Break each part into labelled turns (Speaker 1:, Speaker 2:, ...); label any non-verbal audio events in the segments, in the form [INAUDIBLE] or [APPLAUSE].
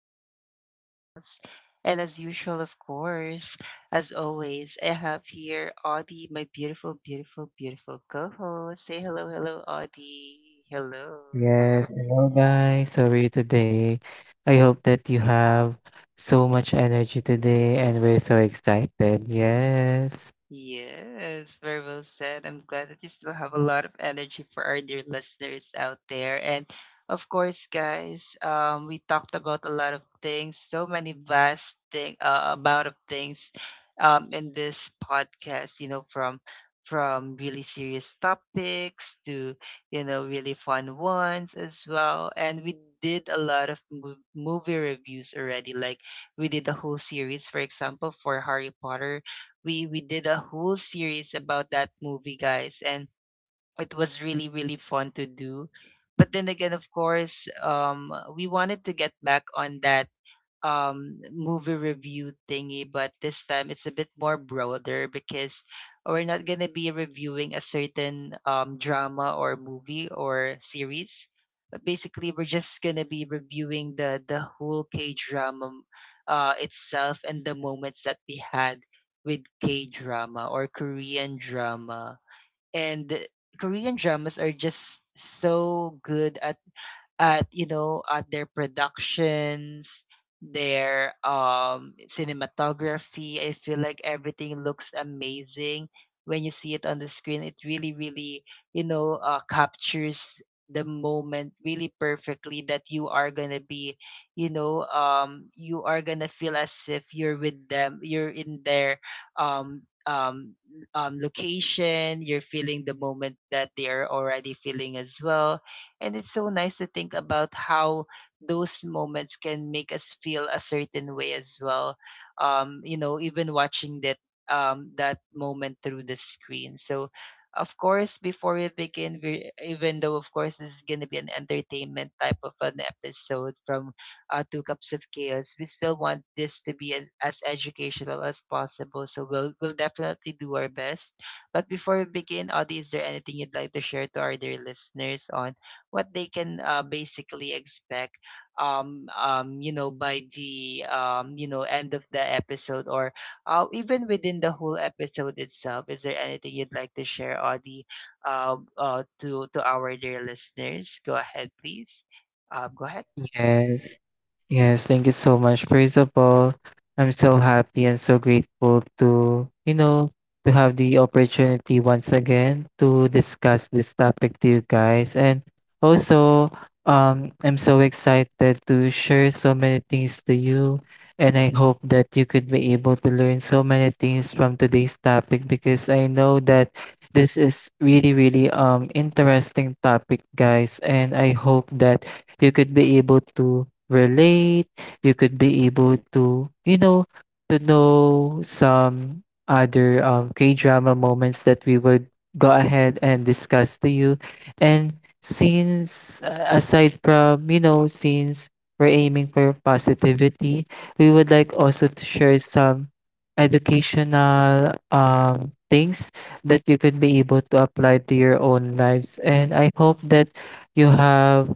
Speaker 1: Two Cups of Chaos. And as usual, of course, as always, I have here Audie, my beautiful, beautiful, beautiful co host. Say hello, hello, Audie. Hello.
Speaker 2: Yes, hello guys. How are you today? I hope that you have so much energy today and we're so excited. Yes.
Speaker 1: Yes, very well said. I'm glad that you still have a lot of energy for our dear listeners out there. And of course, guys, we talked about a lot of things, so many vast thing amount of things in this podcast, from really serious topics to, really fun ones as well. And we did a lot of movie reviews already. Like we did the whole series, for example, for Harry Potter, we did a whole series about that movie, guys, and it was really really fun to do. But then again, of course, we wanted to get back on that movie review thingy, but this time it's a bit more broader because we're not going to be reviewing a certain drama or movie or series, but basically we're just going to be reviewing the whole K drama itself and the moments that we had with K drama or Korean drama. And Korean dramas are just so good at you know, at their productions, their cinematography. I feel like everything looks amazing. When you see it on the screen, it really really, captures the moment really perfectly, that you are gonna be, you are gonna feel as if you're with them, you're in their um um location, you're feeling the moment that they are already feeling as well. And it's so nice to think about how those moments can make us feel a certain way as well. Even watching that that moment through the screen. So, of course, before we begin, we even though of course this is gonna be an entertainment type of an episode from Two Cups of Chaos, we still want this to be as educational as possible. So we'll definitely do our best. But before we begin, Audie, is there anything you'd like to share to our dear listeners on what they can basically expect you know, by the you know, end of the episode, or even within the whole episode itself? Is there anything you'd like to share, Audie, to our dear listeners? Go ahead, please. Go ahead.
Speaker 2: Yes. Yes, thank you so much. First of all, I'm so happy and so grateful to, you know, to have the opportunity once again to discuss this topic to you guys. And also, I'm so excited to share so many things to you. And I hope that you could be able to learn so many things from today's topic because I know that this is really, really interesting topic, guys. And I hope that you could be able to relate, you could be able to, you know, to know some other K drama moments that we would go ahead and discuss to you. And since, aside from, you know, since we're aiming for positivity, we would like also to share some educational things that you could be able to apply to your own lives. And I hope that you have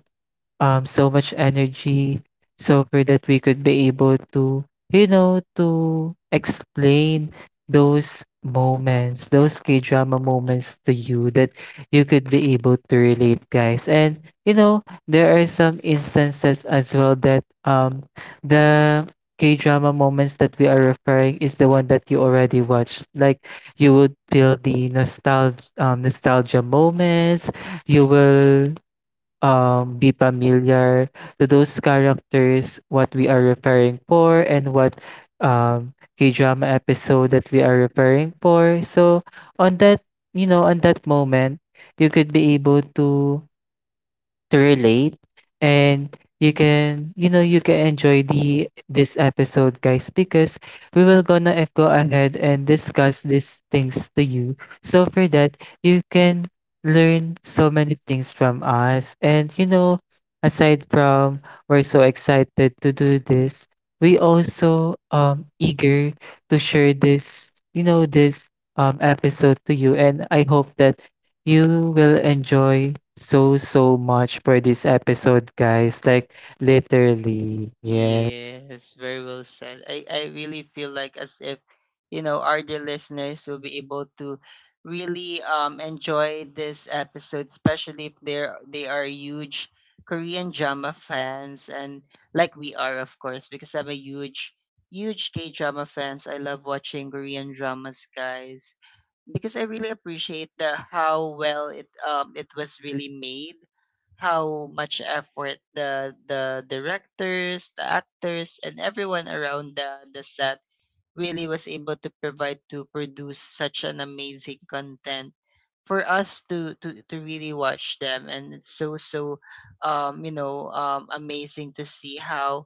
Speaker 2: so much energy so for that we could be able to, you know, to explain those moments, those K-drama moments to you that you could be able to relate, guys. And you know, there are some instances as well that the K-drama moments that we are referring is the one that you already watched. Like you would feel the nostalgia, nostalgia moments. You will be familiar to those characters, what we are referring for, and what K-drama episode that we are referring for. So on that, you know, on that moment, you could be able to relate and you can, you know, you can enjoy the this episode, guys, because we will gonna go ahead and discuss these things to you so for that you can learn so many things from us. And you know, aside from we're so excited to do this, we also eager to share this, you know, this episode to you. And I hope that you will enjoy so, so much for this episode, guys. Like, literally. Yeah.
Speaker 1: Yes, very well said. I really feel like as if, you know, our dear listeners will be able to really enjoy this episode, especially if they are huge Korean drama fans, and like we are, of course, because I'm a huge, huge K drama fans. I love watching Korean dramas, guys. Because I really appreciate the how well it it was really made, how much effort the directors, the actors, and everyone around the set really was able to provide, to produce such an amazing content for us to really watch them. And it's you know, amazing to see how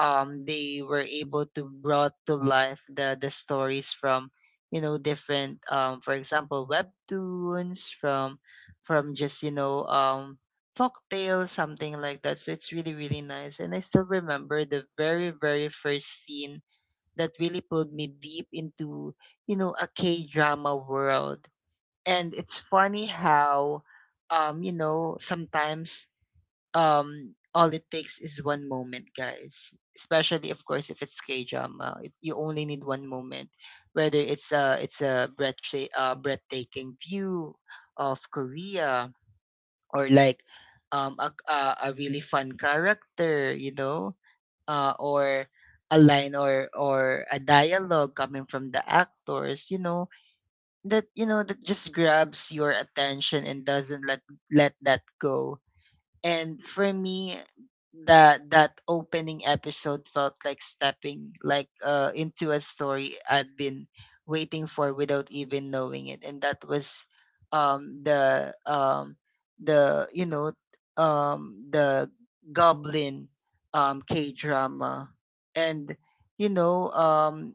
Speaker 1: they were able to brought to life the stories from, you know, different, for example, webtoons, from just, folktale, something like that. So it's really, really nice. And I still remember the very, very first scene that really pulled me deep into, you know, a K drama world. And it's funny how, you know, sometimes all it takes is one moment, guys. Especially, of course, if it's K drama, you only need one moment, whether it's a, it's a breathtaking view of Korea, or like um a, a, a really fun character, you know, or a line, or a dialogue coming from the actors, you know, that, you know, that just grabs your attention and doesn't let that go. And for me, that opening episode felt like stepping, into a story I've been waiting for without even knowing it. And that was um the um the you know the goblin K drama. And, you know um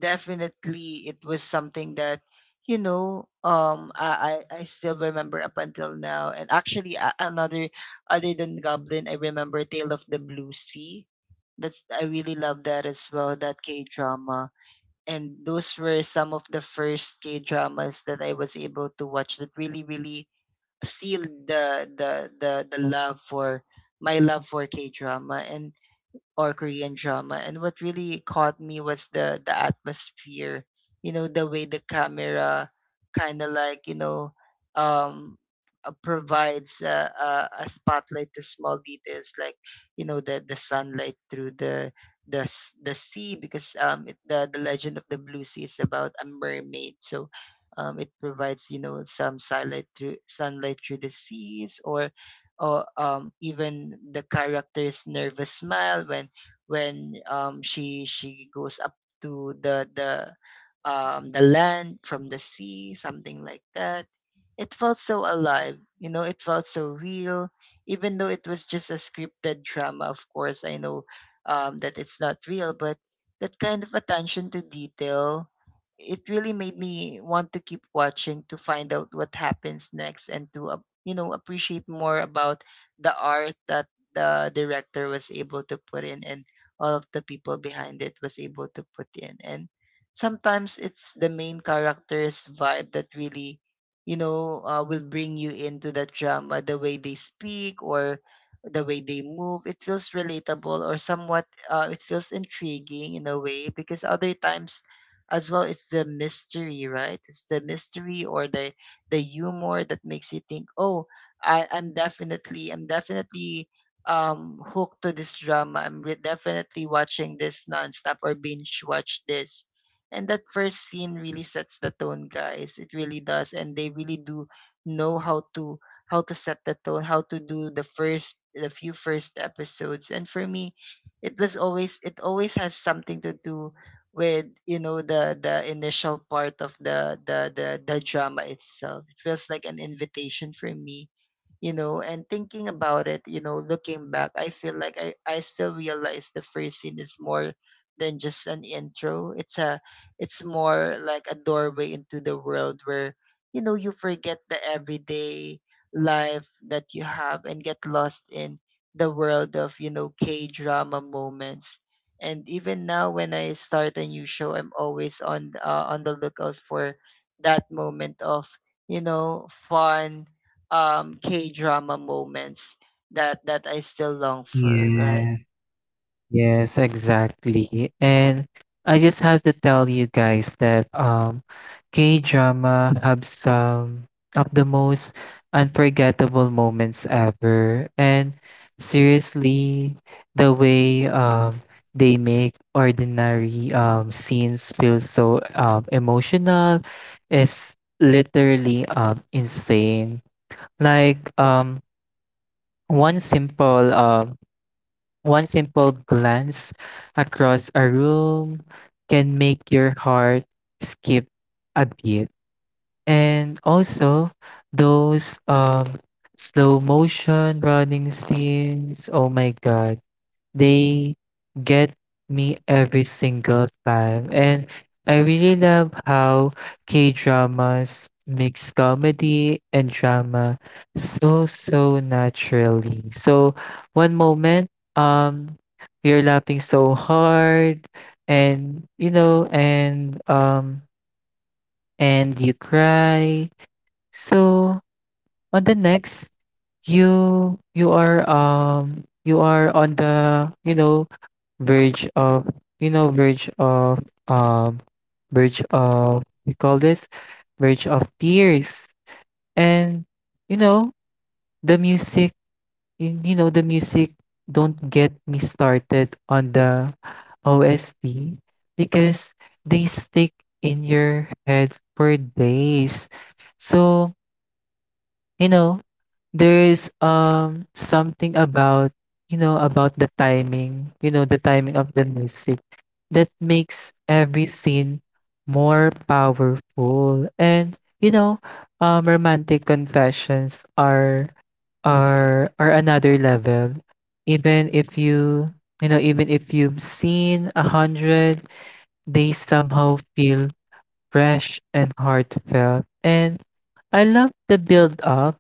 Speaker 1: definitely it was something that, you know, I still remember up until now. And actually, a- another Other than Goblin, I remember Tale of the Blue Sea. That's, I really love that as well, that K-drama. And those were some of the first K-dramas that I was able to watch that really, really sealed the love for my love for K-drama. And or Korean drama. And what really caught me was the atmosphere, you know, the way the camera kind of, um, provides a, a spotlight to small details, like, you know, the sunlight through the the sea, because, the legend of the blue sea is about a mermaid, so it provides, you know, some sunlight through the seas, or even the character's nervous smile when, she goes up to the the land from the sea, something like that. It felt so alive, you know. It felt so real, even though it was just a scripted drama. Of course, I know that it's not real, but that kind of attention to detail, it really made me want to keep watching, to find out what happens next, and to you know, appreciate more about the art that the director was able to put in, and all of the people behind it was able to put in. And sometimes it's the main character's vibe that really, you know, will bring you into the drama, the way they speak, or the way they move. It feels relatable, or somewhat, it feels intriguing, in a way. Because other times as well, it's the mystery, right? It's the mystery, or the humor, that makes you think, oh, I'm definitely hooked to this drama. Definitely watching this nonstop, or binge watch this. And that first scene really sets the tone, guys. It really does, and they really do know how to, set the tone, how to do the few first episodes. And for me, it always has something to do with, you know, the initial part of the drama itself. It feels like an invitation for me, you know. And thinking about it, you know, looking back, I feel like I still realize the first scene is more than just an intro. It's a, it's more like a doorway into the world where, you know, you forget the everyday life that you have, and get lost in the world of, you know, K drama moments. And even now, when I start a new show, I'm always on, on the lookout for that moment of, you know, fun, K-drama moments that I still long for, right?
Speaker 2: Yeah. Yes, exactly. And I just have to tell you guys that K-drama have some of the most unforgettable moments ever. And seriously, the way they make ordinary scenes feel so emotional is literally insane. Like one simple um one simple glance across a room can make your heart skip a beat. And also, those slow motion running scenes, oh my God, they get me every single time. And I really love how K dramas mix comedy and drama so, so naturally. So, one moment, um, we're laughing so hard and and you cry, so on the next you are on the, you know, verge of you know verge of um verge of, we call this, verge of tears. And you know the music, you know the music, don't get me started on the OST because they stick in your head for days. So you know, there's something about, you know, about the timing, you know, the timing of the music that makes every scene more powerful. And, you know, romantic confessions are are another level. Even if you, you know, even if you've seen a hundred, they somehow feel fresh and heartfelt. And I love the build up,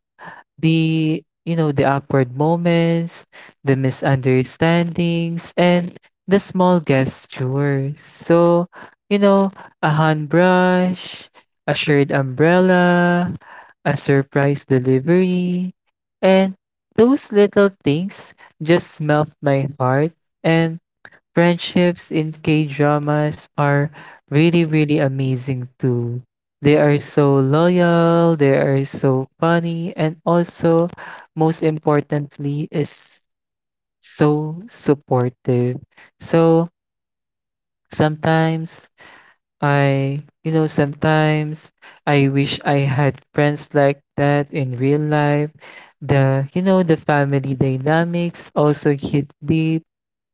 Speaker 2: the you know the awkward moments, the misunderstandings, and the small gestures. So, you know, a hand brush, a shared umbrella, a surprise delivery, and those little things just melt my heart. And friendships in K-dramas are really, really amazing too. They are so loyal, they are so funny, and also, most importantly, is so supportive. So sometimes I, you know, sometimes I wish I had friends like that in real life. The, you know, the family dynamics also hit deep.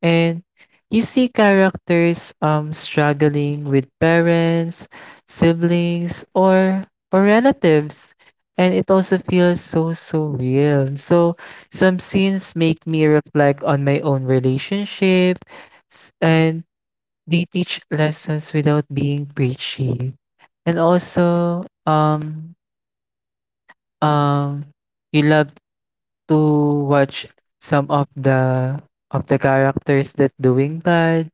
Speaker 2: And you see characters struggling with parents, siblings, or relatives. And it also feels so, so real. So some scenes make me reflect on my own relationship, and they teach lessons without being preachy. And also, um, you love to watch some of the characters that doing bad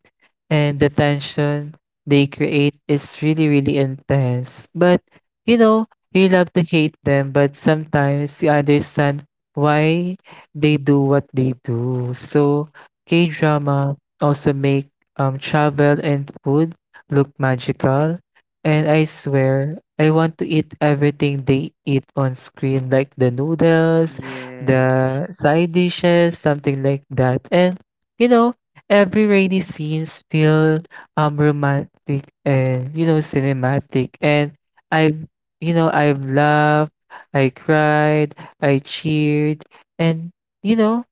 Speaker 2: and the tension they create is really, really intense. But you know, you love to hate them, but sometimes you understand why they do what they do. So K drama also make travel and food look magical. And I swear, I want to eat everything they eat on screen, like the noodles,
Speaker 1: Yes,
Speaker 2: the side dishes, something like that. And you know, every rainy scenes feel romantic and, you know, cinematic. And I've, you know, I've laughed, I cried, I cheered. And you know,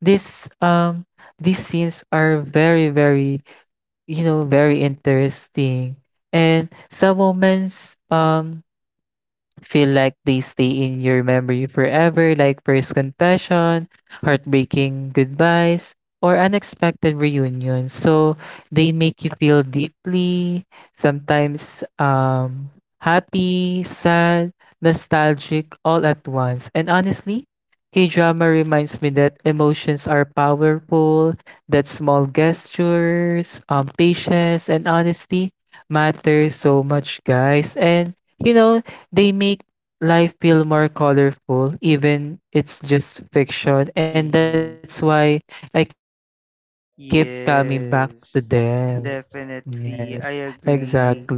Speaker 2: this these scenes are very, very, you know, very interesting. And some moments feel like they stay in your memory forever, like first confession, heartbreaking goodbyes, or unexpected reunions. So they make you feel deeply, sometimes happy, sad, nostalgic, all at once. And honestly, K drama reminds me that emotions are powerful, that small gestures, patience, and honesty matter so much, guys. And you know, they make life feel more colorful, even it's just fiction. And that's
Speaker 1: yes,
Speaker 2: why I keep coming back to them.
Speaker 1: yes,
Speaker 2: Yes,
Speaker 1: definitely.
Speaker 2: exactly.
Speaker 1: I agree.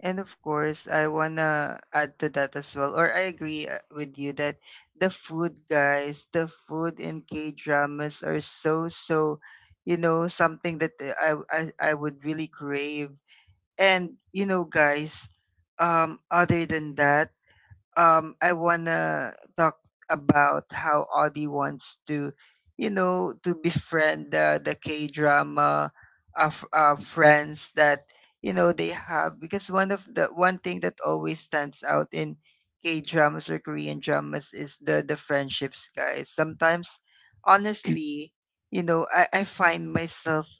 Speaker 1: And of course, I wanna add to that as well, or I agree, with you, that the food, guys, the food in K dramas are so, so, you know, something that, I would really crave. And, you know, guys, other than that, I wanna talk about how Audie wants to, you know, to befriend the K drama of, friends that, you know, they have. Because one of the one thing that always stands out in K dramas or Korean dramas is the friendships, guys. Sometimes, honestly, I find myself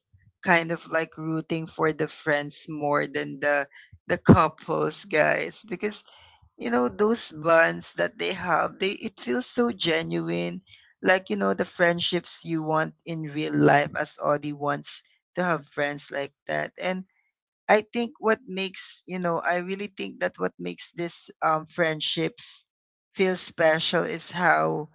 Speaker 1: kind of like rooting for the friends more than the couples, guys, because those bonds that they have, they it feels so genuine, like, the friendships you want in real life, as Audie wants to have friends like that. And I really think that what makes this friendships feel special is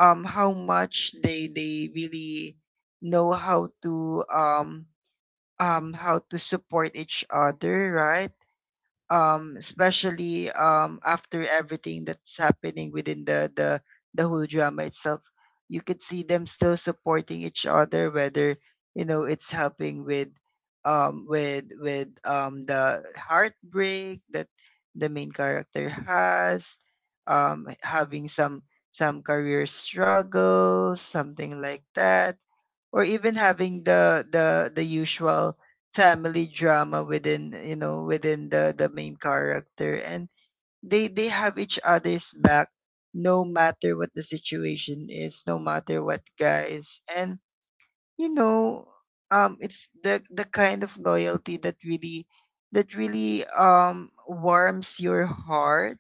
Speaker 1: how much they really know how to, how to support each other, right? Especially, after everything that's happening within the whole drama itself, you could see them still supporting each other, whether it's helping with the heartbreak that the main character has, having some career struggles, something like that, or even having the usual family drama within, the main character, and they have each other's back, no matter what the situation is, no matter what, guys. And you know it's the kind of loyalty that really warms your heart,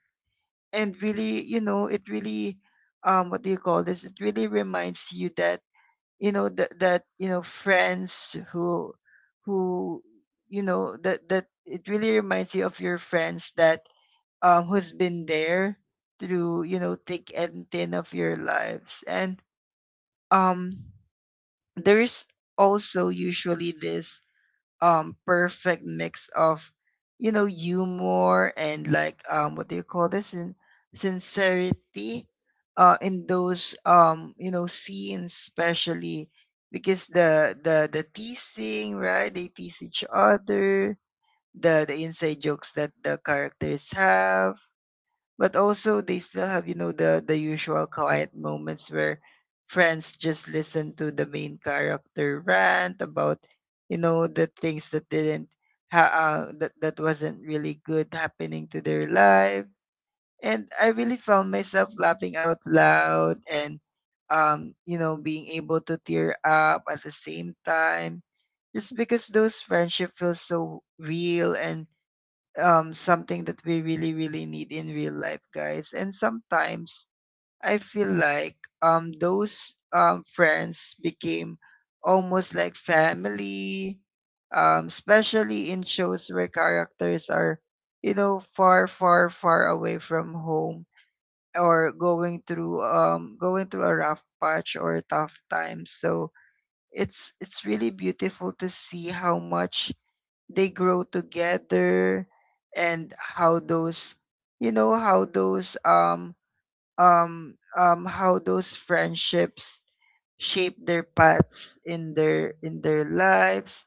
Speaker 1: and really, you know it really what do you call this it really reminds you that friends who you know that that it really reminds you of your friends, that who's been there through, thick and thin of your lives. And um there's also usually this perfect mix of, humor and, like what do you call this in sincerity, in those scenes, especially, because the teasing, right, they tease each other, the inside jokes that the characters have. But also they still have, the usual quiet moments where friends just listen to the main character rant about, the things that didn't ha- that wasn't really good happening to their life. And I really found myself laughing out loud and, being able to tear up at the same time, just because those friendship feels so real. And something that we really, really need in real life, guys. And sometimes I feel like, those friends became almost like family, especially in shows where characters are, you know, far, far, far away from home, or going through a rough patch or tough times. So it's really beautiful to see how much they grow together, and how those you know how those friendships shape their paths in their lives.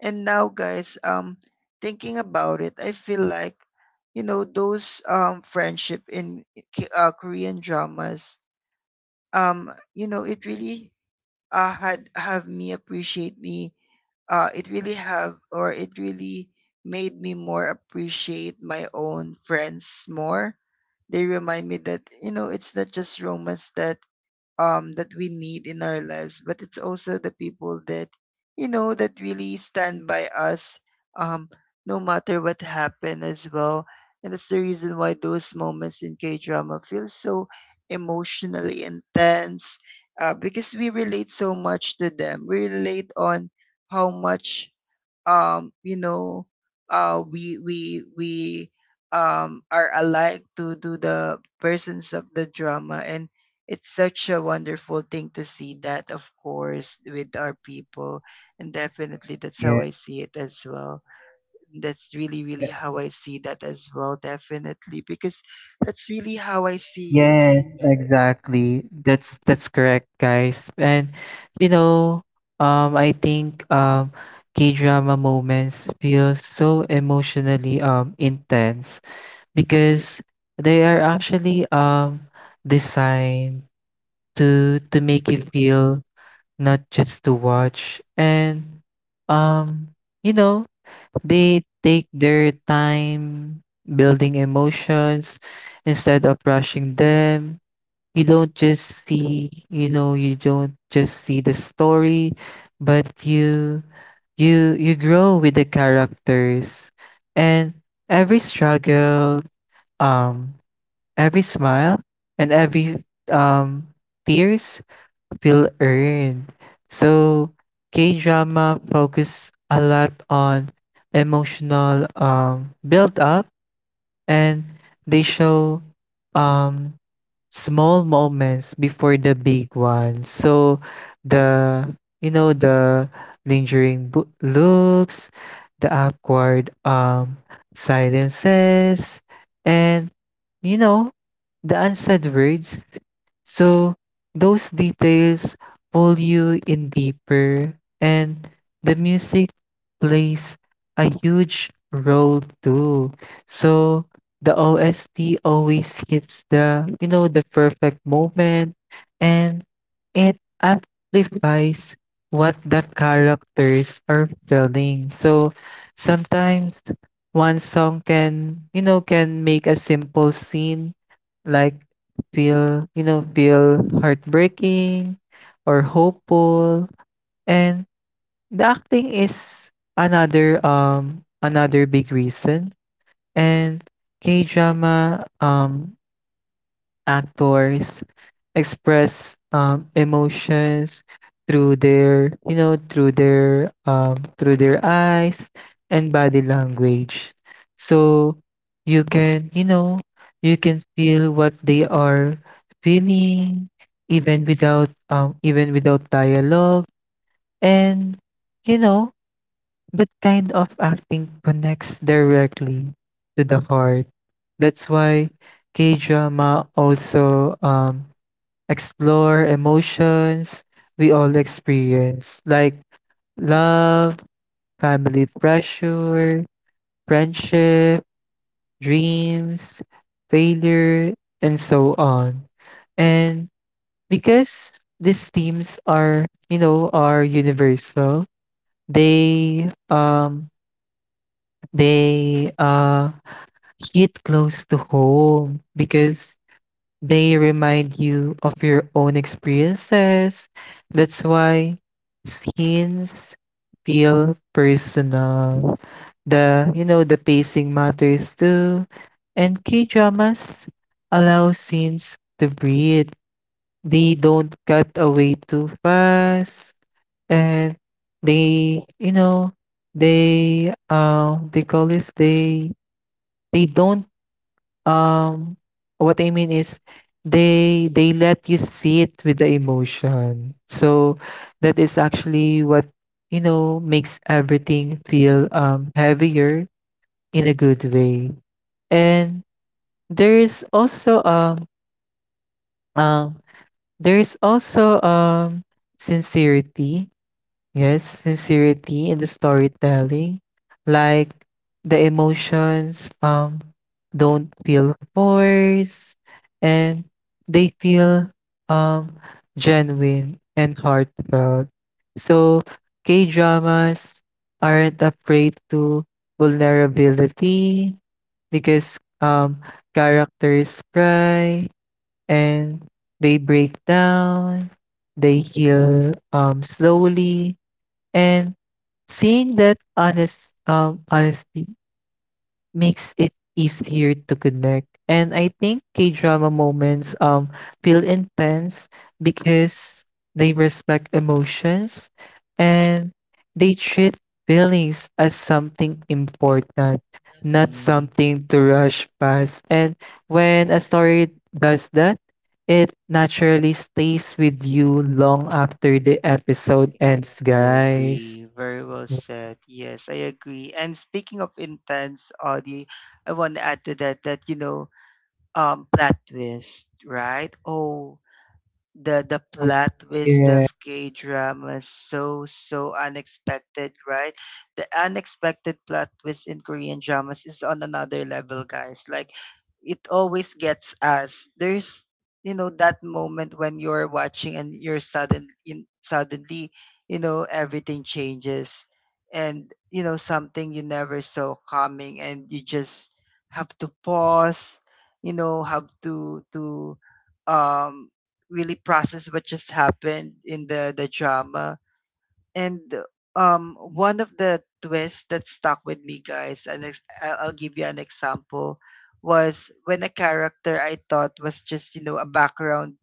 Speaker 1: And now, guys, thinking about it, I feel like, those friendship in Korean dramas, it really, had have me appreciate me it really made me more appreciate my own friends more. They remind me that, it's not just romance that we need in our lives, but it's also the people that, really stand by us, um no matter what happened as well. And that's the reason why those moments in K-drama feel so emotionally intense, because we relate so much to them. We relate on how much, um you know we are alike to the persons of the drama, and it's such a wonderful thing to see that, of course, with our people. And definitely,
Speaker 2: Yeah.
Speaker 1: that's how I see it as well. That's really,
Speaker 2: e-
Speaker 1: really how I see that as well, definitely, because that's really how I see
Speaker 2: Yes, exactly. That's correct, guys. And you know, I think K-drama moments feel so emotionally intense because they are actually designed to make you feel, not just to watch. And um you know, they take their time building emotions instead of rushing them. You don't just see the story, but you grow with the characters. And every struggle, um every smile, and every um tears feel earned. So K-drama focus a lot on emotional build up. And they show um, small moments before the big ones. So the, you know, the lingering looks, the awkward silences, and you know, the unsaid words. So those details pull you in deeper, and the music plays a huge role too. So the OST always hits the, you know, the perfect moment, and it amplifies what the characters are feeling. So sometimes one song can, you know, can make a simple scene like feel, you know, feel heartbreaking or hopeful. And the acting is another big reason. And K-drama actors express emotions through their, you know, through their eyes and body language, so you can, you know, you can feel what they are feeling even without dialogue. And you know, that kind of acting connects directly to the heart. That's why K-drama also explore emotions we all experience, like love, family pressure, friendship, dreams, failure, and so on. And because these themes are, you know, are universal, they um they hit close to home because they remind you of your own experiences. That's why scenes feel personal. The, you know, the pacing matters too. And K dramas allow scenes to breathe. They don't cut away too fast. And they you know they call this they don't um, what I mean is, they let you sit with the emotion. So that is actually what, you know, makes everything feel heavier in a good way. And there is also um um there is also sincerity. Yes, sincerity in the storytelling, like the emotions don't feel forced and they feel um genuine and heartfelt. So K-dramas aren't afraid to vulnerability because characters cry and they break down, they heal slowly. And seeing that honest honesty makes it easier to connect. And I think K-drama moments feel intense because they respect emotions and they treat feelings as something important, not
Speaker 1: it.
Speaker 2: something to rush past. And when a story does that, it naturally stays with you long after the episode ends,
Speaker 1: I
Speaker 2: guys.
Speaker 1: agree. Very well said. Yes, I agree. And speaking of intense, Audie, I want to add to that that, plot twist, right? Oh, the plot twist
Speaker 2: Yeah,
Speaker 1: of K drama is so, so unexpected, right? The unexpected plot twist in Korean dramas is on another level, guys. Like, it always gets us. There's, that moment when you're watching and you're suddenly, everything changes, and, something you never saw coming, and you just have to pause, have to um really process what just happened in the drama. And, one of the twists that stuck with me, guys, and I'll give you an example, was when a character I thought was just, you know, a background,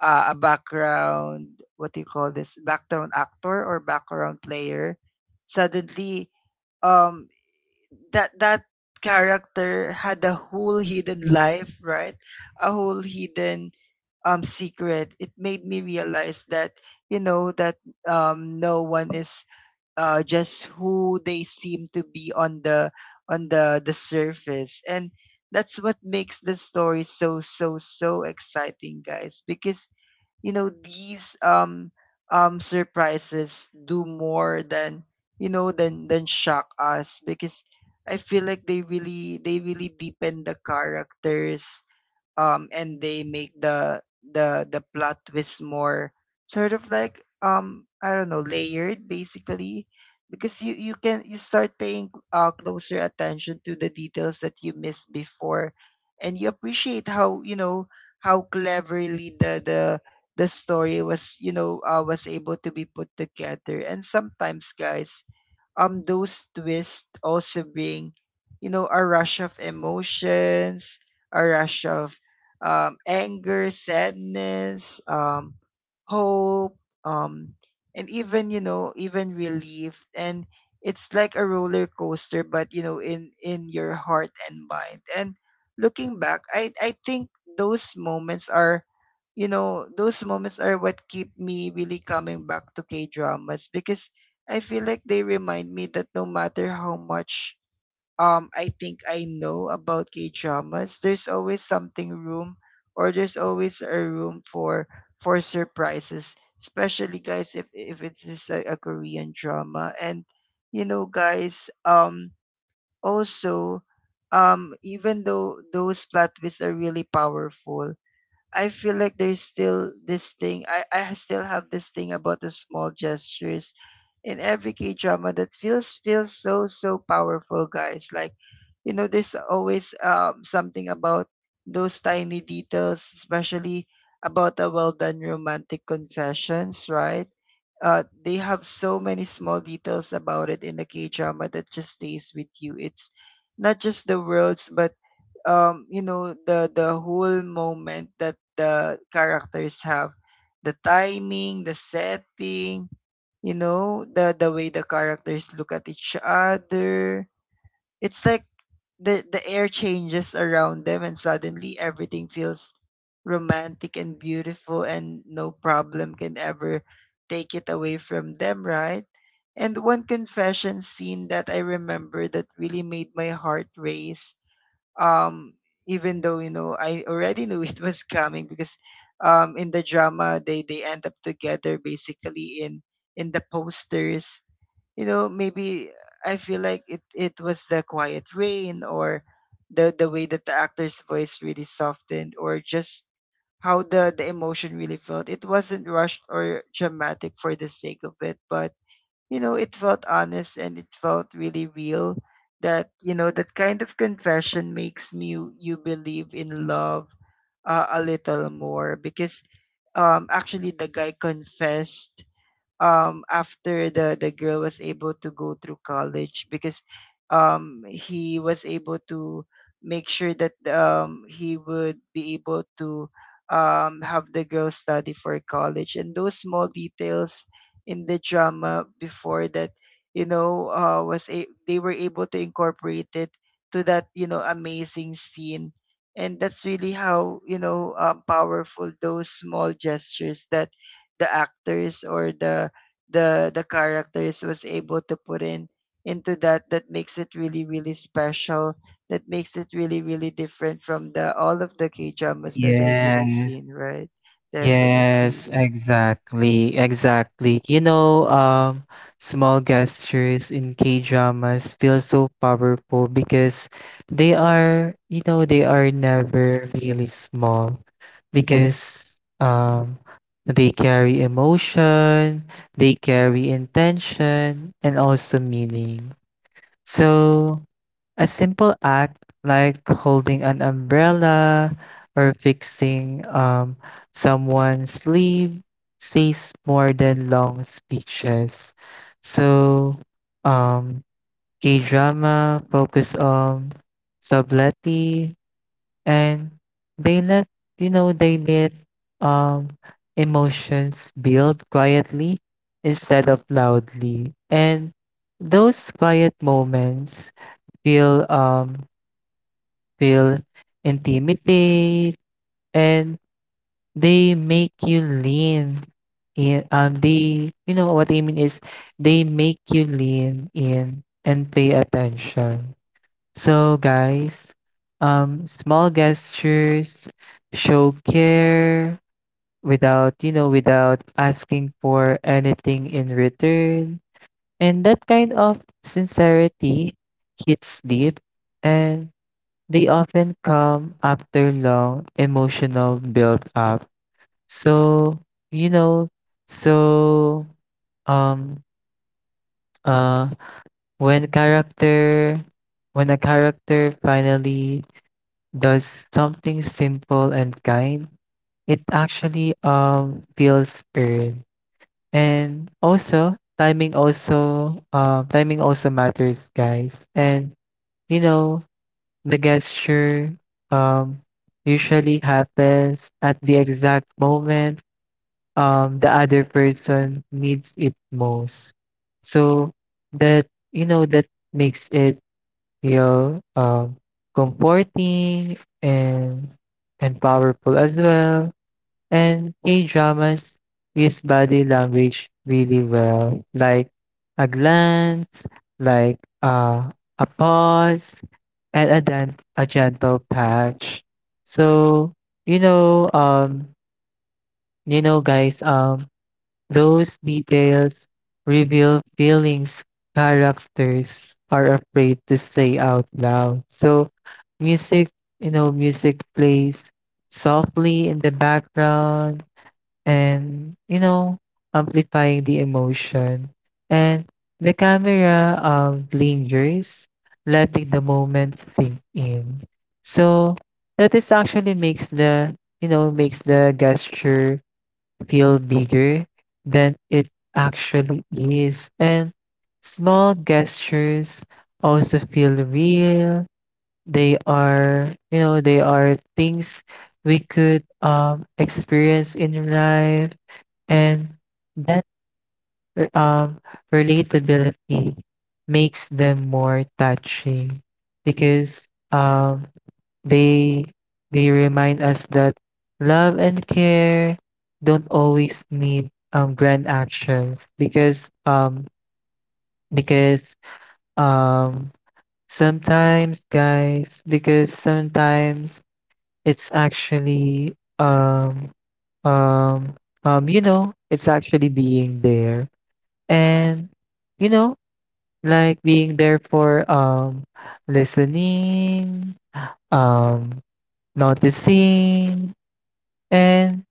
Speaker 1: uh, a background, what do you call this, background actor or background player, suddenly, um, that character had a whole hidden life, right? A whole hidden secret. It made me realize that, you know that no one is, just who they seem to be on the surface, and that's what makes the story so, so, so exciting, guys, because, these surprises do more than, shock us, because I feel like they really deepen the characters, and they make the plot twist more sort of like, I don't know, layered basically, because you start paying closer attention to the details that you missed before, and you appreciate how, how cleverly the story was, was able to be put together. And sometimes, guys, those twists also bring, a rush of emotions, a rush of, anger, sadness, hope, um, and even, even relief. And it's like a roller coaster, but, in your heart and mind. And looking back, I think those moments are those moments are what keep me really coming back to k dramas because I feel like they remind me that, no matter how much, I think I know about K-dramas, there's always something room or there's always a room for, surprises, especially, guys, if it is a Korean drama. And, guys, also, even though those plot twists are really powerful, I feel like there's still this thing. I still have this thing about the small gestures in every K drama that feels so, so powerful, guys. Like, you know, there's always, something about those tiny details, especially about a well done romantic confessions, right? They have so many small details about it in the K drama that just stays with you. It's not just the words, but, the whole moment that the characters have, the timing, the setting, you know, the way the characters look at each other. It's like the air changes around them, and suddenly everything feels romantic and beautiful, and no problem can ever take it away from them, right? And one confession scene that I remember that really made my heart race, um, even though, I already knew [LAUGHS] it was coming, because, in the drama, they end up together basically in the posters. You know, maybe I feel like it was the quiet rain, or the way that the actor's voice really softened, or just how the emotion really felt. It wasn't rushed or dramatic for the sake of it, but, you know, it felt honest, and it felt really real, that, you know, that kind of confession makes me you you believe in love, a little more, because actually, the guy confessed, after the girl was able to go through college, because he was able to make sure that, he would be able to, have the girl study for college. And those small details in the drama before that, they were able to incorporate it to that, amazing scene, and that's really how, powerful those small gestures that the actors or the characters was able to put in into that, that makes it really, really special, that makes it really, really different from the all of the k dramas that I really
Speaker 2: yes,
Speaker 1: seen, right? Definitely.
Speaker 2: yes, exactly, exactly. You know, small gestures in K-dramas feel so powerful because they are, you know, they are never really small because they carry emotion, they carry intention, and also meaning. So a simple act like holding an umbrella or fixing someone's sleeve says more than long speeches. So, um, K drama focus on subtlety, and they let, you know, they let um, emotions build quietly instead of loudly, and those quiet moments feel feel intimidated and they make you lean in they you know what I mean is, they make you lean in and pay attention. So guys, small gestures show care without, you know, without asking for anything in return. And that kind of sincerity hits deep, and they often come after long emotional build up. So, you know, so um uh when character when a character finally does something simple and kind, it actually feels earned. And also timing also, timing also matters, guys. And you know the gesture um, usually happens at the exact moment the other person needs it most. So that you know that makes it feel comforting and powerful as well. And K dramas use body language really well, like a glance, like a pause, and a gentle patch. So, you know, um, you know, guys, um, those details reveal feelings characters are afraid to say out loud. So, music, music plays softly in the background, and amplifying the emotion. And the camera lingers, letting the moment sink in. So that is actually makes the makes the gesture feel bigger than it actually is. And small gestures also feel real. They are, they are things we could experience in your life, and that um relatability makes them more touching because um they remind us that love and care don't always need grand actions because um sometimes guys, because sometimes it's actually, um, it's actually being there and, you know, like being there for, listening, um, noticing, and,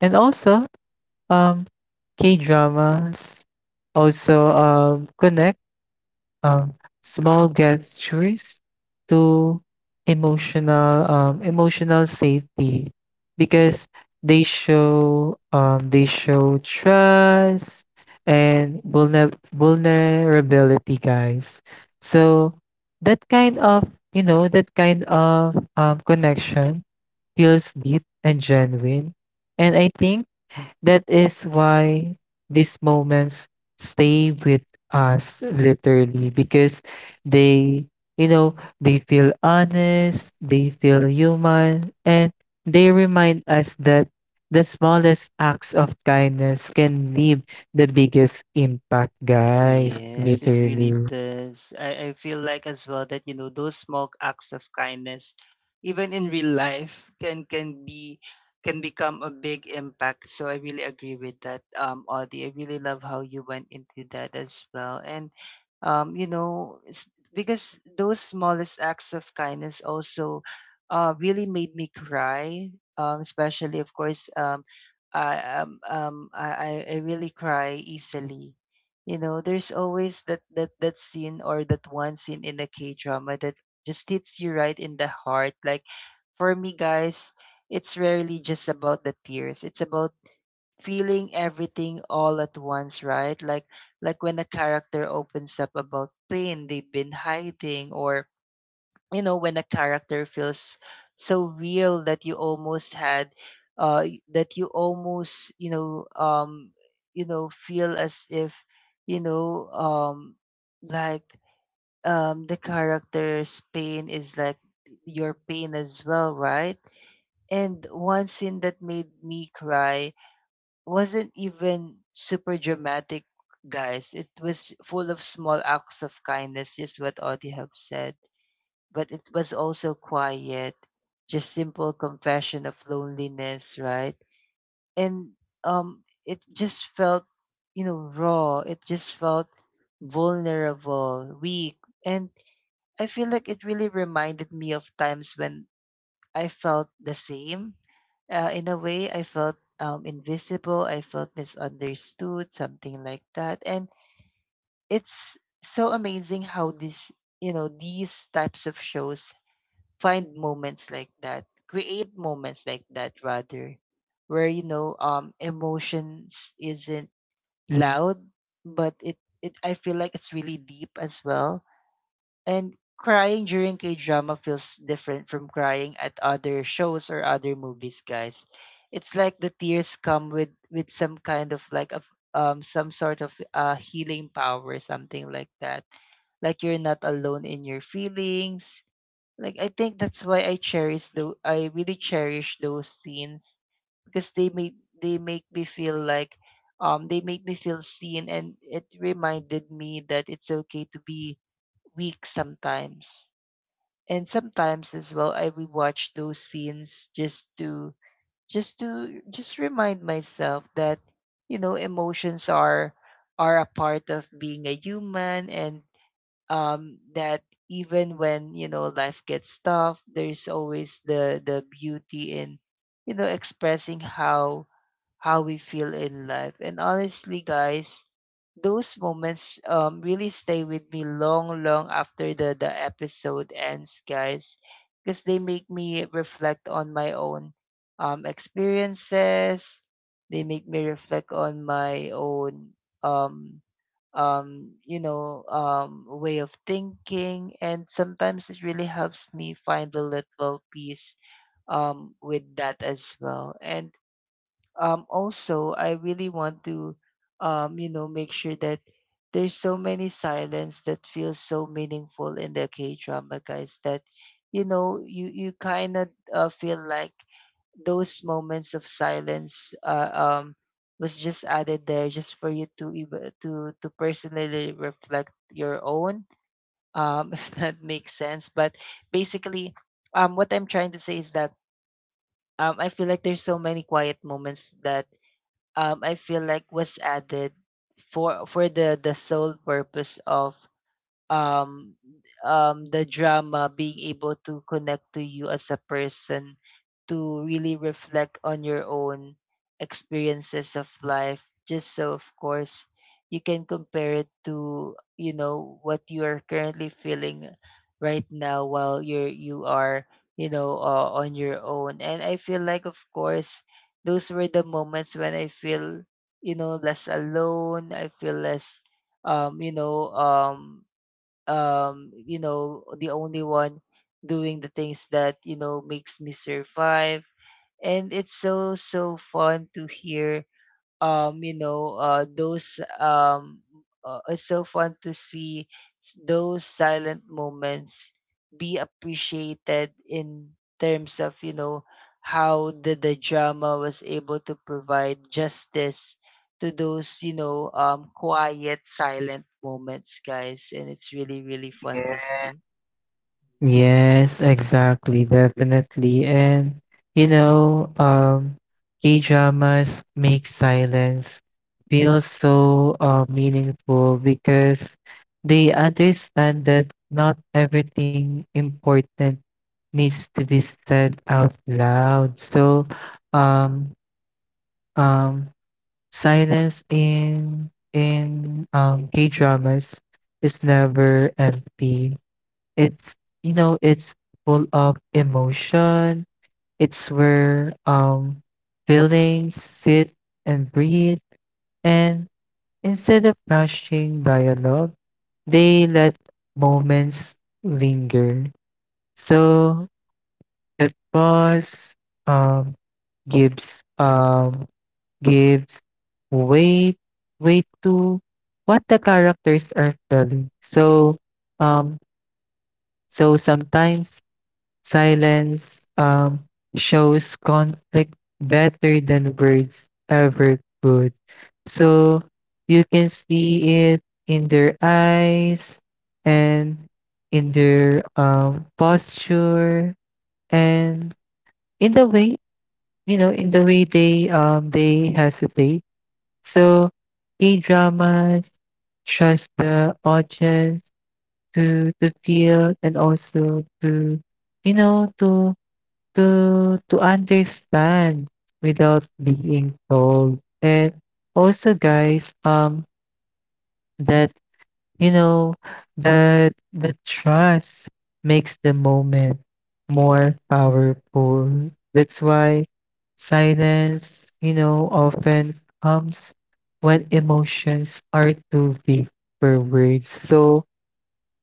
Speaker 2: and also, um, K-dramas also, connect um, small gestures to emotional emotional safety because they show trust and vulnerability, guys. So that kind of that kind of connection feels deep and genuine, and I think that is why these moments stay with us literally because they, they feel honest, they feel human, and they remind us that the smallest acts of kindness can leave the biggest impact, guys,
Speaker 1: Yes, it really
Speaker 2: literally.
Speaker 1: does. I feel like as well that, those small acts of kindness, even in real life, [LAUGHS] can become a big impact. So I really agree with that, Audie. I really love how you went into that as well. And, you know, it's because those smallest acts of kindness also, really made me cry. Especially, of course, I um, um I, I really cry easily. You know, there's always that scene, or that one scene in a K-drama, that just hits you right in the heart. Like, for me, guys, it's rarely just about the tears. It's about feeling everything all at once, right? Like, when a character opens up about pain they've been hiding, or, when a character feels so real that you almost had y- that you almost, feel as if, you know um like the character's pain is like your pain as well, right? And one scene that made me cry wasn't even super dramatic, guys. It was full of small acts of kindness, just what Audie have said, but it was also quiet, just simple confession of loneliness, right? And, it just felt, you know, raw. It just felt vulnerable, weak, and I feel like it really reminded me of times when I felt the same. In a way, I felt, invisible. I felt misunderstood, something like that. And it's so amazing how you know, these types of shows find moments like that, create moments like that rather, where, emotions isn't loud, but, it I feel like it's really deep as well. And crying during K drama feels different from crying at other shows or other movies, guys. It's like the tears come with some kind of like a some sort of healing power something like that, like you're not alone in your feelings. Like I think that's why I cherish, though I really cherish those scenes because they make me feel like they make me feel seen, and it reminded me that it's okay to be weak sometimes. And sometimes as well I rewatch those scenes just to just remind myself that you know emotions are a part of being a human, and that even when you know life gets tough, there's always the beauty in you know expressing how we feel in life. And honestly, guys, those moments really stay with me long, long after the episode ends, guys, because they make me reflect on my own experiences. They make me reflect on my own um way of thinking. And sometimes it really helps me find a little peace with that as well. And also, I really want to, you know, make sure that there's so many silence that feels so meaningful in the K drama, guys, that you know you kind of feel like those moments of silence was just added there just for you to even to personally reflect your own [LAUGHS] if that makes sense. But basically, what I'm trying to say is that I feel like there's so many quiet moments that I feel like was added for the sole purpose of um the drama being able to connect to you as a person, to really reflect on your own experiences of life, just so of course you can compare it to you know what you are currently feeling right now while you are you know on your own. And I feel like of course those were the moments when I feel you know less alone. I feel less um you know um you know the only one doing the things that you know makes me survive. And it's so so fun to hear you know those it's so fun to see those silent moments be appreciated in terms of you know how the drama was able to provide justice to those you know quiet silent moments, guys, and it's really really fun to see.
Speaker 2: Yes, exactly, definitely. And you know, um, K-dramas make silence feel so meaningful because they understand that not everything important needs to be said out loud. So, um, um, silence in K-dramas is never empty. It's it's full of emotion. It's where feelings sit and breathe, and instead of rushing dialogue, they let moments linger. So that pause um gives um gives weight, to what the characters are telling. So um sometimes silence shows conflict better than words ever could. So you can see it in their eyes, and in their posture, and in the way in the way they hesitate. So K dramas trust the audience to feel, and also to you know to to understand without being told. And also, guys, that you know that the trust makes the moment more powerful. That's why silence, often comes when emotions are too big for words. So,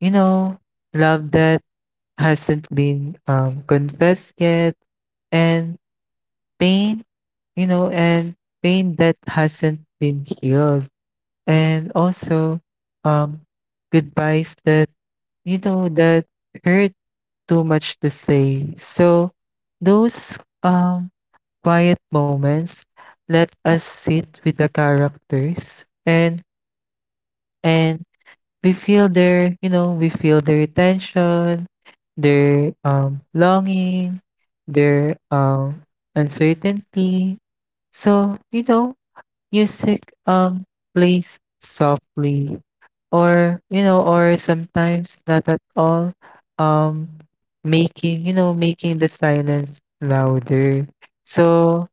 Speaker 2: you know, love that hasn't been confessed yet, and pain, you know, and pain that hasn't been healed. And also, um, goodbyes that, that hurt too much to say. So, those quiet moments let us sit with the characters, and and we feel their, we feel their tension, their longing, their uncertainty. So, music plays softly or, or sometimes not at all, um, making, making the silence louder. So,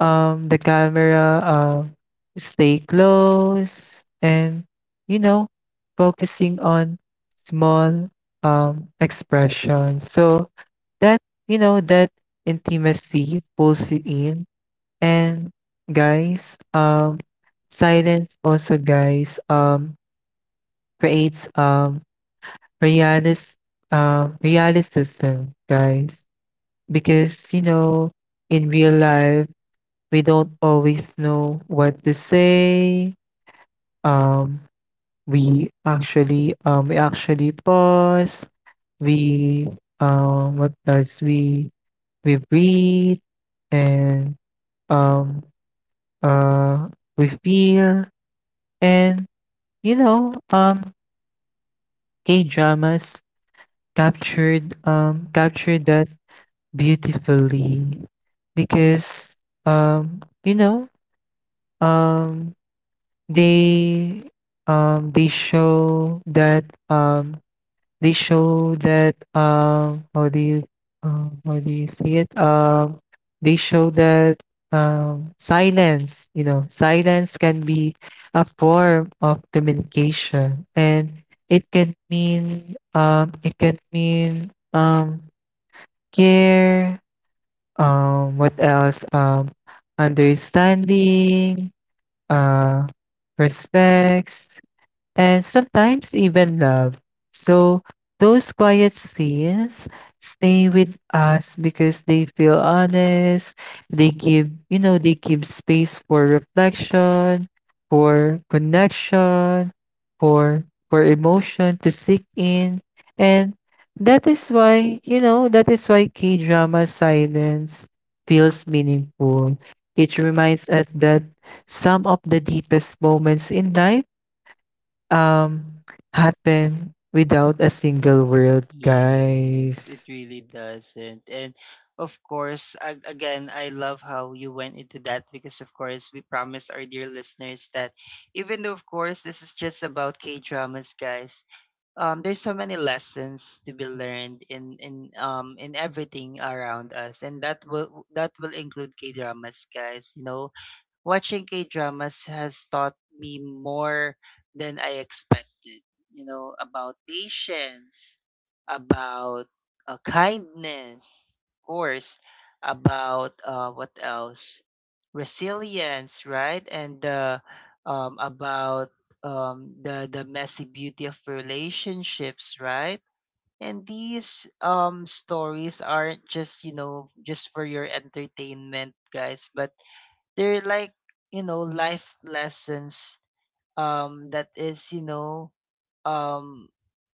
Speaker 2: the camera stay close and you know focusing on small expressions, so that that intimacy pulls you in. And, guys, silence also, guys, creates realis realisticism, guys, because in real life we don't always know what to say. Um, we actually we actually pause. We what else we breathe, and um uh we feel, and you know um gay dramas captured that beautifully because um you know um they um they show that um they show that how do you see it they show that, silence, silence can be a form of communication, and it can mean care, what else understanding, uh respects, and sometimes even love. So those quiet scenes stay with us because they feel honest, they give, they give space for reflection, for connection, for emotion to sink in. And that is why, that is why K-drama silence feels meaningful. It reminds us that some of the deepest moments in life um happen without a single word,
Speaker 1: Yes, it
Speaker 2: guys.
Speaker 1: really doesn't. And of course, again, I love how you went into that because, of course, we promised our dear listeners that even though, of course, this is just about K dramas, guys, there's so many lessons to be learned in everything around us, and that will include K dramas, guys. You know, watching K-dramas has taught me more than I expected, you know, about patience, about kindness, of course, about what else? Resilience, right? And about the messy beauty of relationships, right? And these stories aren't just, you know, just for your entertainment, guys, but they're like you know life lessons that is you know um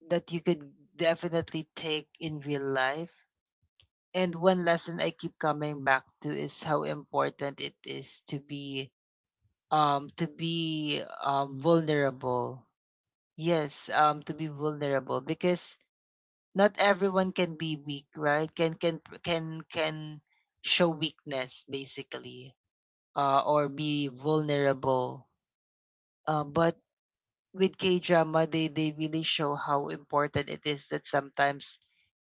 Speaker 1: that you could definitely take in real life. And one lesson I keep coming back to is how important it is to be vulnerable. Yes, to be vulnerable, because not everyone can be weak, right? Can show weakness basically, or be vulnerable. But with K-drama, they really show how important it is that sometimes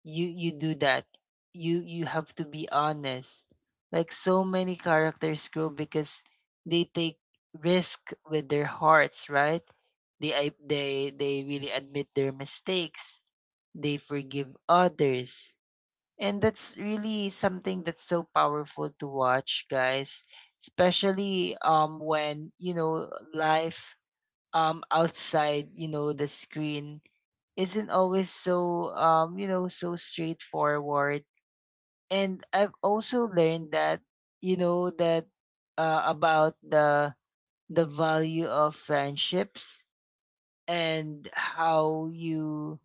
Speaker 1: you do that. You have to be honest. Like so many characters grow because they take risk with their hearts, right? They I- they really admit their mistakes. They forgive others. And that's really something that's so powerful to watch, guys. Especially when, you know, life outside you know the screen isn't always so you know so straightforward. And I've also learned that you know that about the value of friendships, and how you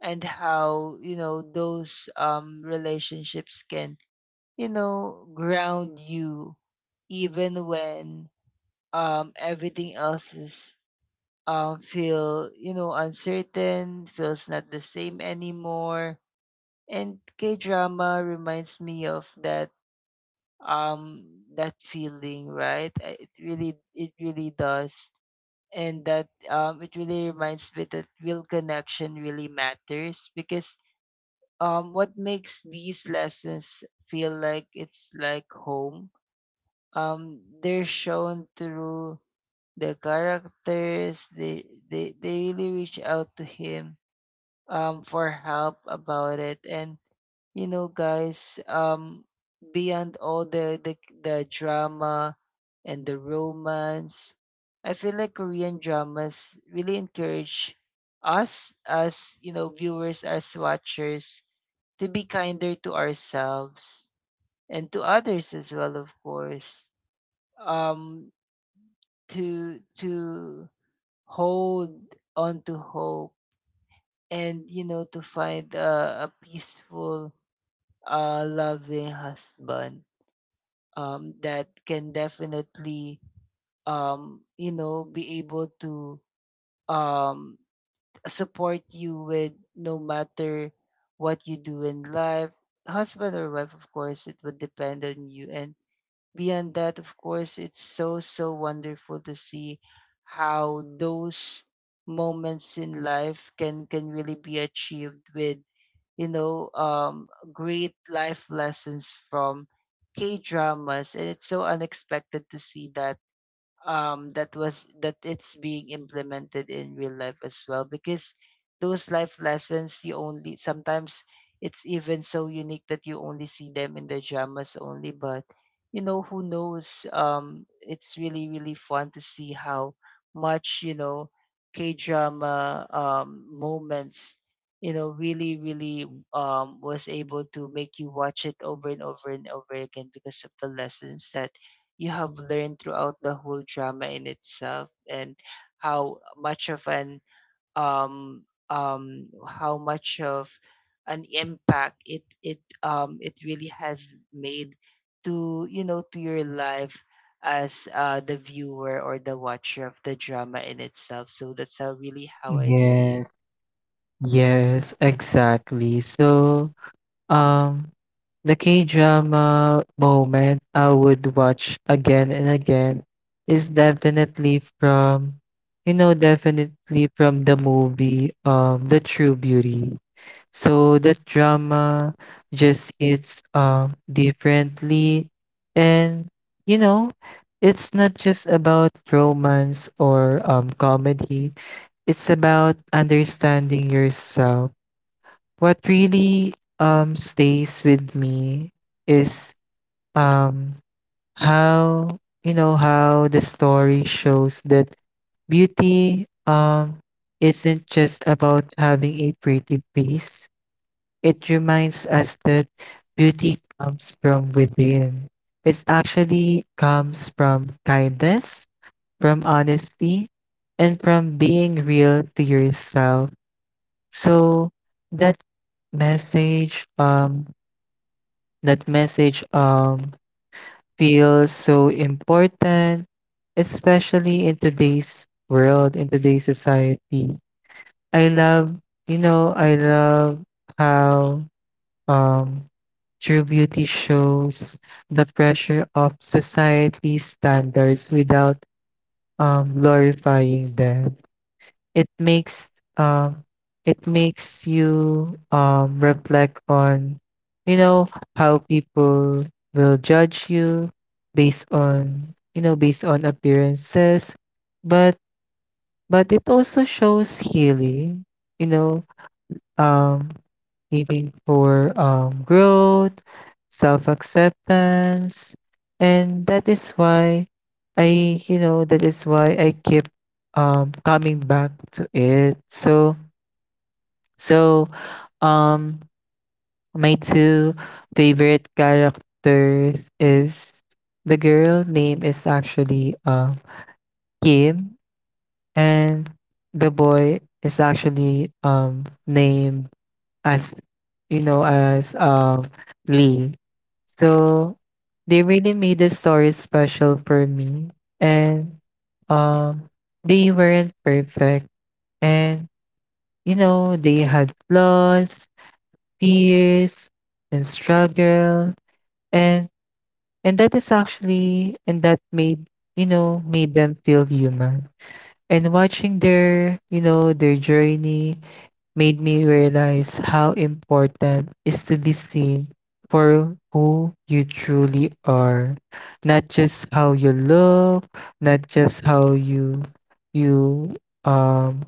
Speaker 1: and how you know those relationships can you know ground you even when everything else is, feel, you know, uncertain, feels not the same anymore. And K drama reminds me of that um that feeling, right? It really it really does. And that it really reminds me that real connection really matters, because what makes these lessons feel like it's like home, they're shown through the characters. They really reach out to him for help about it. And you know guys, beyond all the drama and the romance, I feel like Korean dramas really encourage us as you know viewers, as watchers, to be kinder to ourselves and to others as well, of course. um to hold on to hope, and you know to find a peaceful loving husband that can definitely you know be able to um support you with no matter what you do in life. Husband or wife, of course, it would depend on you. And beyond that, of course, it's so, so wonderful to see how those moments in life can really be achieved with you know great life lessons from K dramas. And it's so unexpected to see that that was that it's being implemented in real life as well, because those life lessons, you only sometimes, it's even so unique that you only see them in the dramas only. But you know who knows, it's really really fun to see how much you know K drama moments you know really really was able to make you watch it over and over and over again because of the lessons that you have learned throughout the whole drama in itself. And how much of an how much of an impact it really has made to you know to your life as the viewer or the watcher of the drama in itself. So that's how really how I see it.
Speaker 2: Yes, yes, exactly. So, um, the K-drama moment I would watch again and again is definitely from, definitely from the movie, The True Beauty. So that drama just hits differently, and you know it's not just about romance or comedy, it's about understanding yourself. What really stays with me is um how how the story shows that beauty isn't just about having a pretty face. It reminds us that beauty comes from within. It actually comes from kindness, from honesty, and from being real to yourself. So that message, um, that message, feels so important, especially in today's world, in today's society. I love, I love how, um, true beauty shows the pressure of society's standards without glorifying them. It makes um, it makes you reflect on, you know, how people will judge you based on, based on appearances. But it also shows healing. You know, um, needing for growth, self acceptance. And that is why that is why I keep coming back to it. So, so, um, my two favorite characters is, the girl name is actually Kim, and the boy is actually named as you know as um Lee. So they really made the story special for me, and um they weren't perfect, and they had flaws, fears, and struggle, and and that is actually and that made made them feel human, and watching their their journey made me realize how important is to be seen for who you truly are, not just how you look, not just how you you um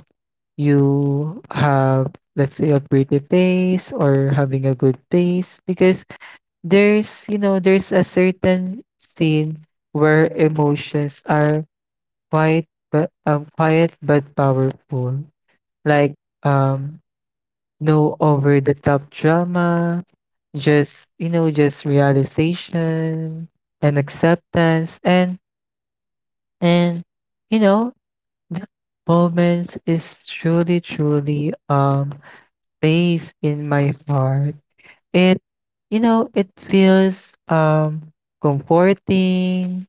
Speaker 2: you have, let's say, a pretty face or having a good face. Because there's there's a certain scene where emotions are quiet but powerful, like um no over the top drama, just, just realization and acceptance, and and you know, that moment is truly, truly placed in my heart. It, it feels comforting,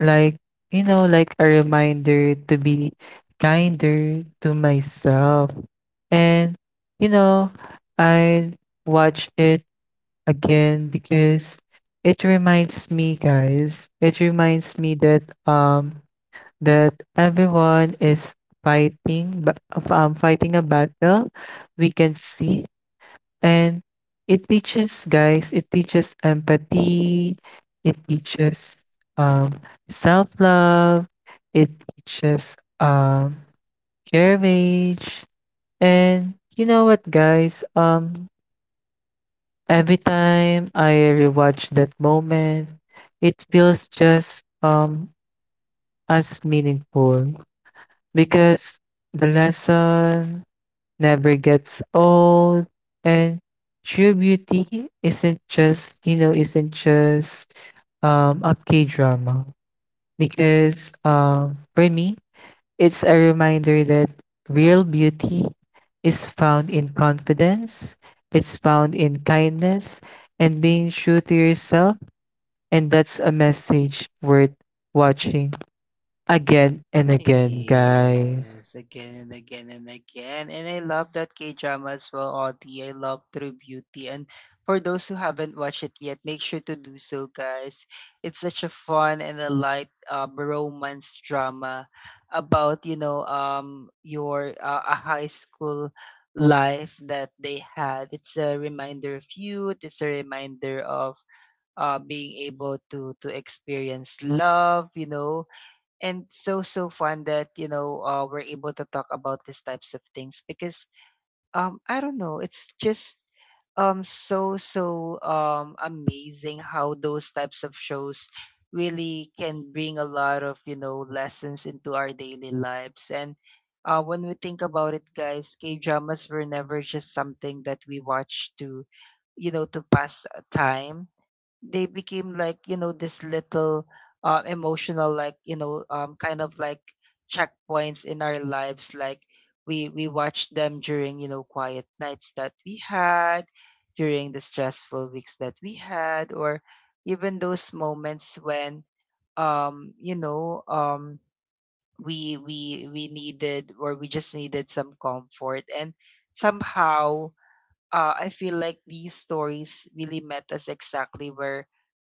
Speaker 2: like like a reminder to be kinder to myself, and you know I watch it again because it reminds me, guys, it reminds me that that everyone is fighting but fighting a battle we can see. And it teaches, guys, it teaches empathy, it teaches um self-love, it teaches courage. And you know what, guys, every time I rewatch that moment, it feels just as meaningful because the lesson never gets old, and true beauty isn't just a K drama because for me it's a reminder that real beauty is found in confidence, it's found in kindness and being true to yourself, and that's a message worth watching again and again, guys.
Speaker 1: Yes, again and again and again. And I love that K drama as well, Audie. I love True Beauty. And for those who haven't watched it yet, make sure to do so, guys. It's such a fun and a light romance drama about, you know, your a high school life that they had. It's a reminder of youth, it's a reminder of being able to experience love, you know. And so so fun that you know we're able to talk about these types of things, because I don't know, it's just so so amazing how those types of shows really can bring a lot of you know lessons into our daily lives. And when we think about it, guys, K dramas were never just something that we watch to you know to pass time. They became like, you know, this little emotional, like, you know, kind of like checkpoints in our lives. Like we watched them during, you know, quiet nights that we had, during the stressful weeks that we had, or even those moments when um, you know, um we needed, or we just needed some comfort. And somehow I feel like these stories really met us exactly where,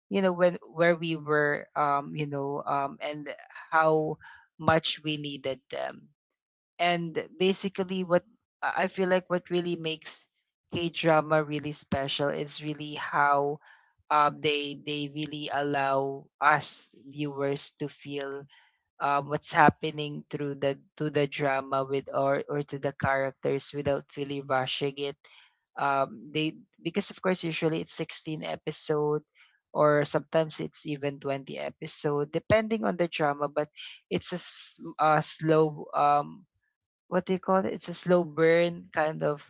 Speaker 1: you know, when where we were, and how much we needed them. And basically, what I feel like what really makes K drama really special is really how they really allow us viewers to feel what's happening through the drama with or to the characters without really rushing it. They, because of course usually it's 16 episode, or sometimes it's even 20 episode depending on the drama. But it's a slow what do you call it it's a slow burn kind of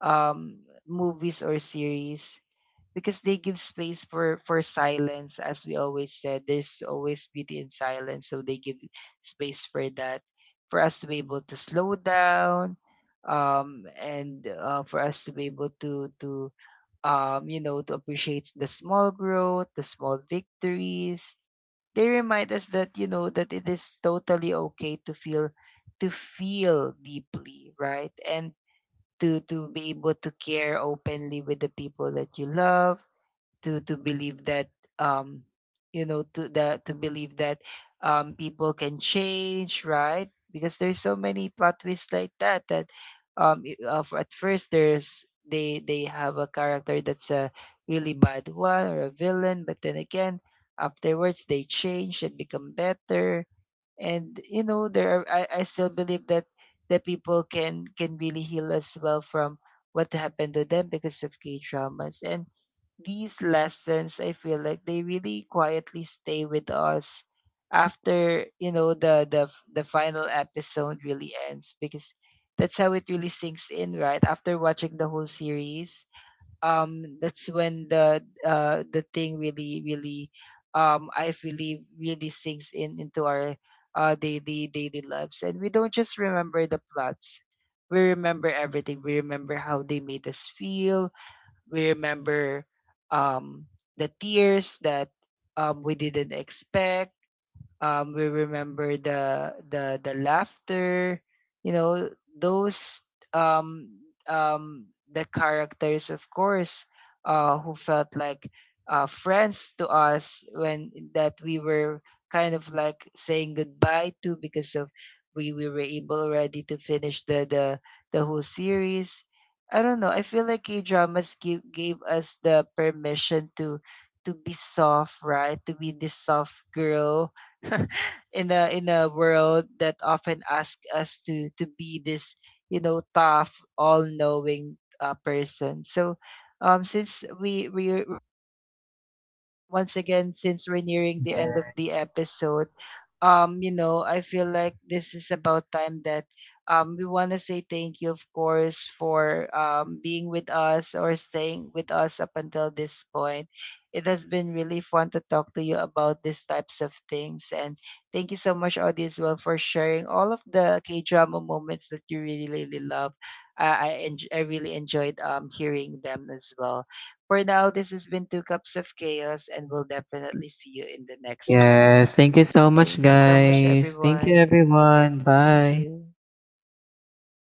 Speaker 1: movies or series, because they give space for silence. As we always said, there's always beauty in silence. So they give space for that, for us to be able to slow down and for us to be able to you know to appreciate the small growth, the small victories. They remind us that you know that it is totally okay to feel, to feel deeply, right? And to be able to care openly with the people that you love, to believe that um to believe that people can change, right? Because there's so many plot twists like that, that at first there's they have a character that's a really bad one or a villain, but then again afterwards they change and become better. And you know there are, I still believe that people can really heal as well from what happened to them because of K dramas. And these lessons I feel like they really quietly stay with us after you know the final episode really ends, because that's how it really sinks in right after watching the whole series. That's when the thing really really I really really sinks in into our daily daily lives. And we don't just remember the plots, we remember everything. We remember how they made us feel. We remember um the tears that we didn't expect. We remember the laughter, you know, those um the characters of course, who felt like friends to us, when that we were kind of like saying goodbye to because of we were able already to finish the whole series. I don't know, I feel like K-dramas give, gave gave us the permission to be soft, right? To be this soft girl [LAUGHS] in a world that often asks us to be this you know tough all knowing person. So since we once again, since we're nearing the end of the episode, you know, I feel like this is about time that we want to say thank you, of course, for being with us or staying with us up until this point. It has been really fun to talk to you about these types of things. And thank you so much, Audie, as well, for sharing all of the K drama moments that you really, really love. I really enjoyed hearing them as well. For now, this has been Two Cups of Chaos, and we'll definitely see you in the next cup.
Speaker 2: Yes, thank you so much,
Speaker 1: Thank you so much,
Speaker 2: guys. Thank you,
Speaker 1: everyone.
Speaker 2: everyone.
Speaker 1: Thank
Speaker 2: Bye.
Speaker 1: you.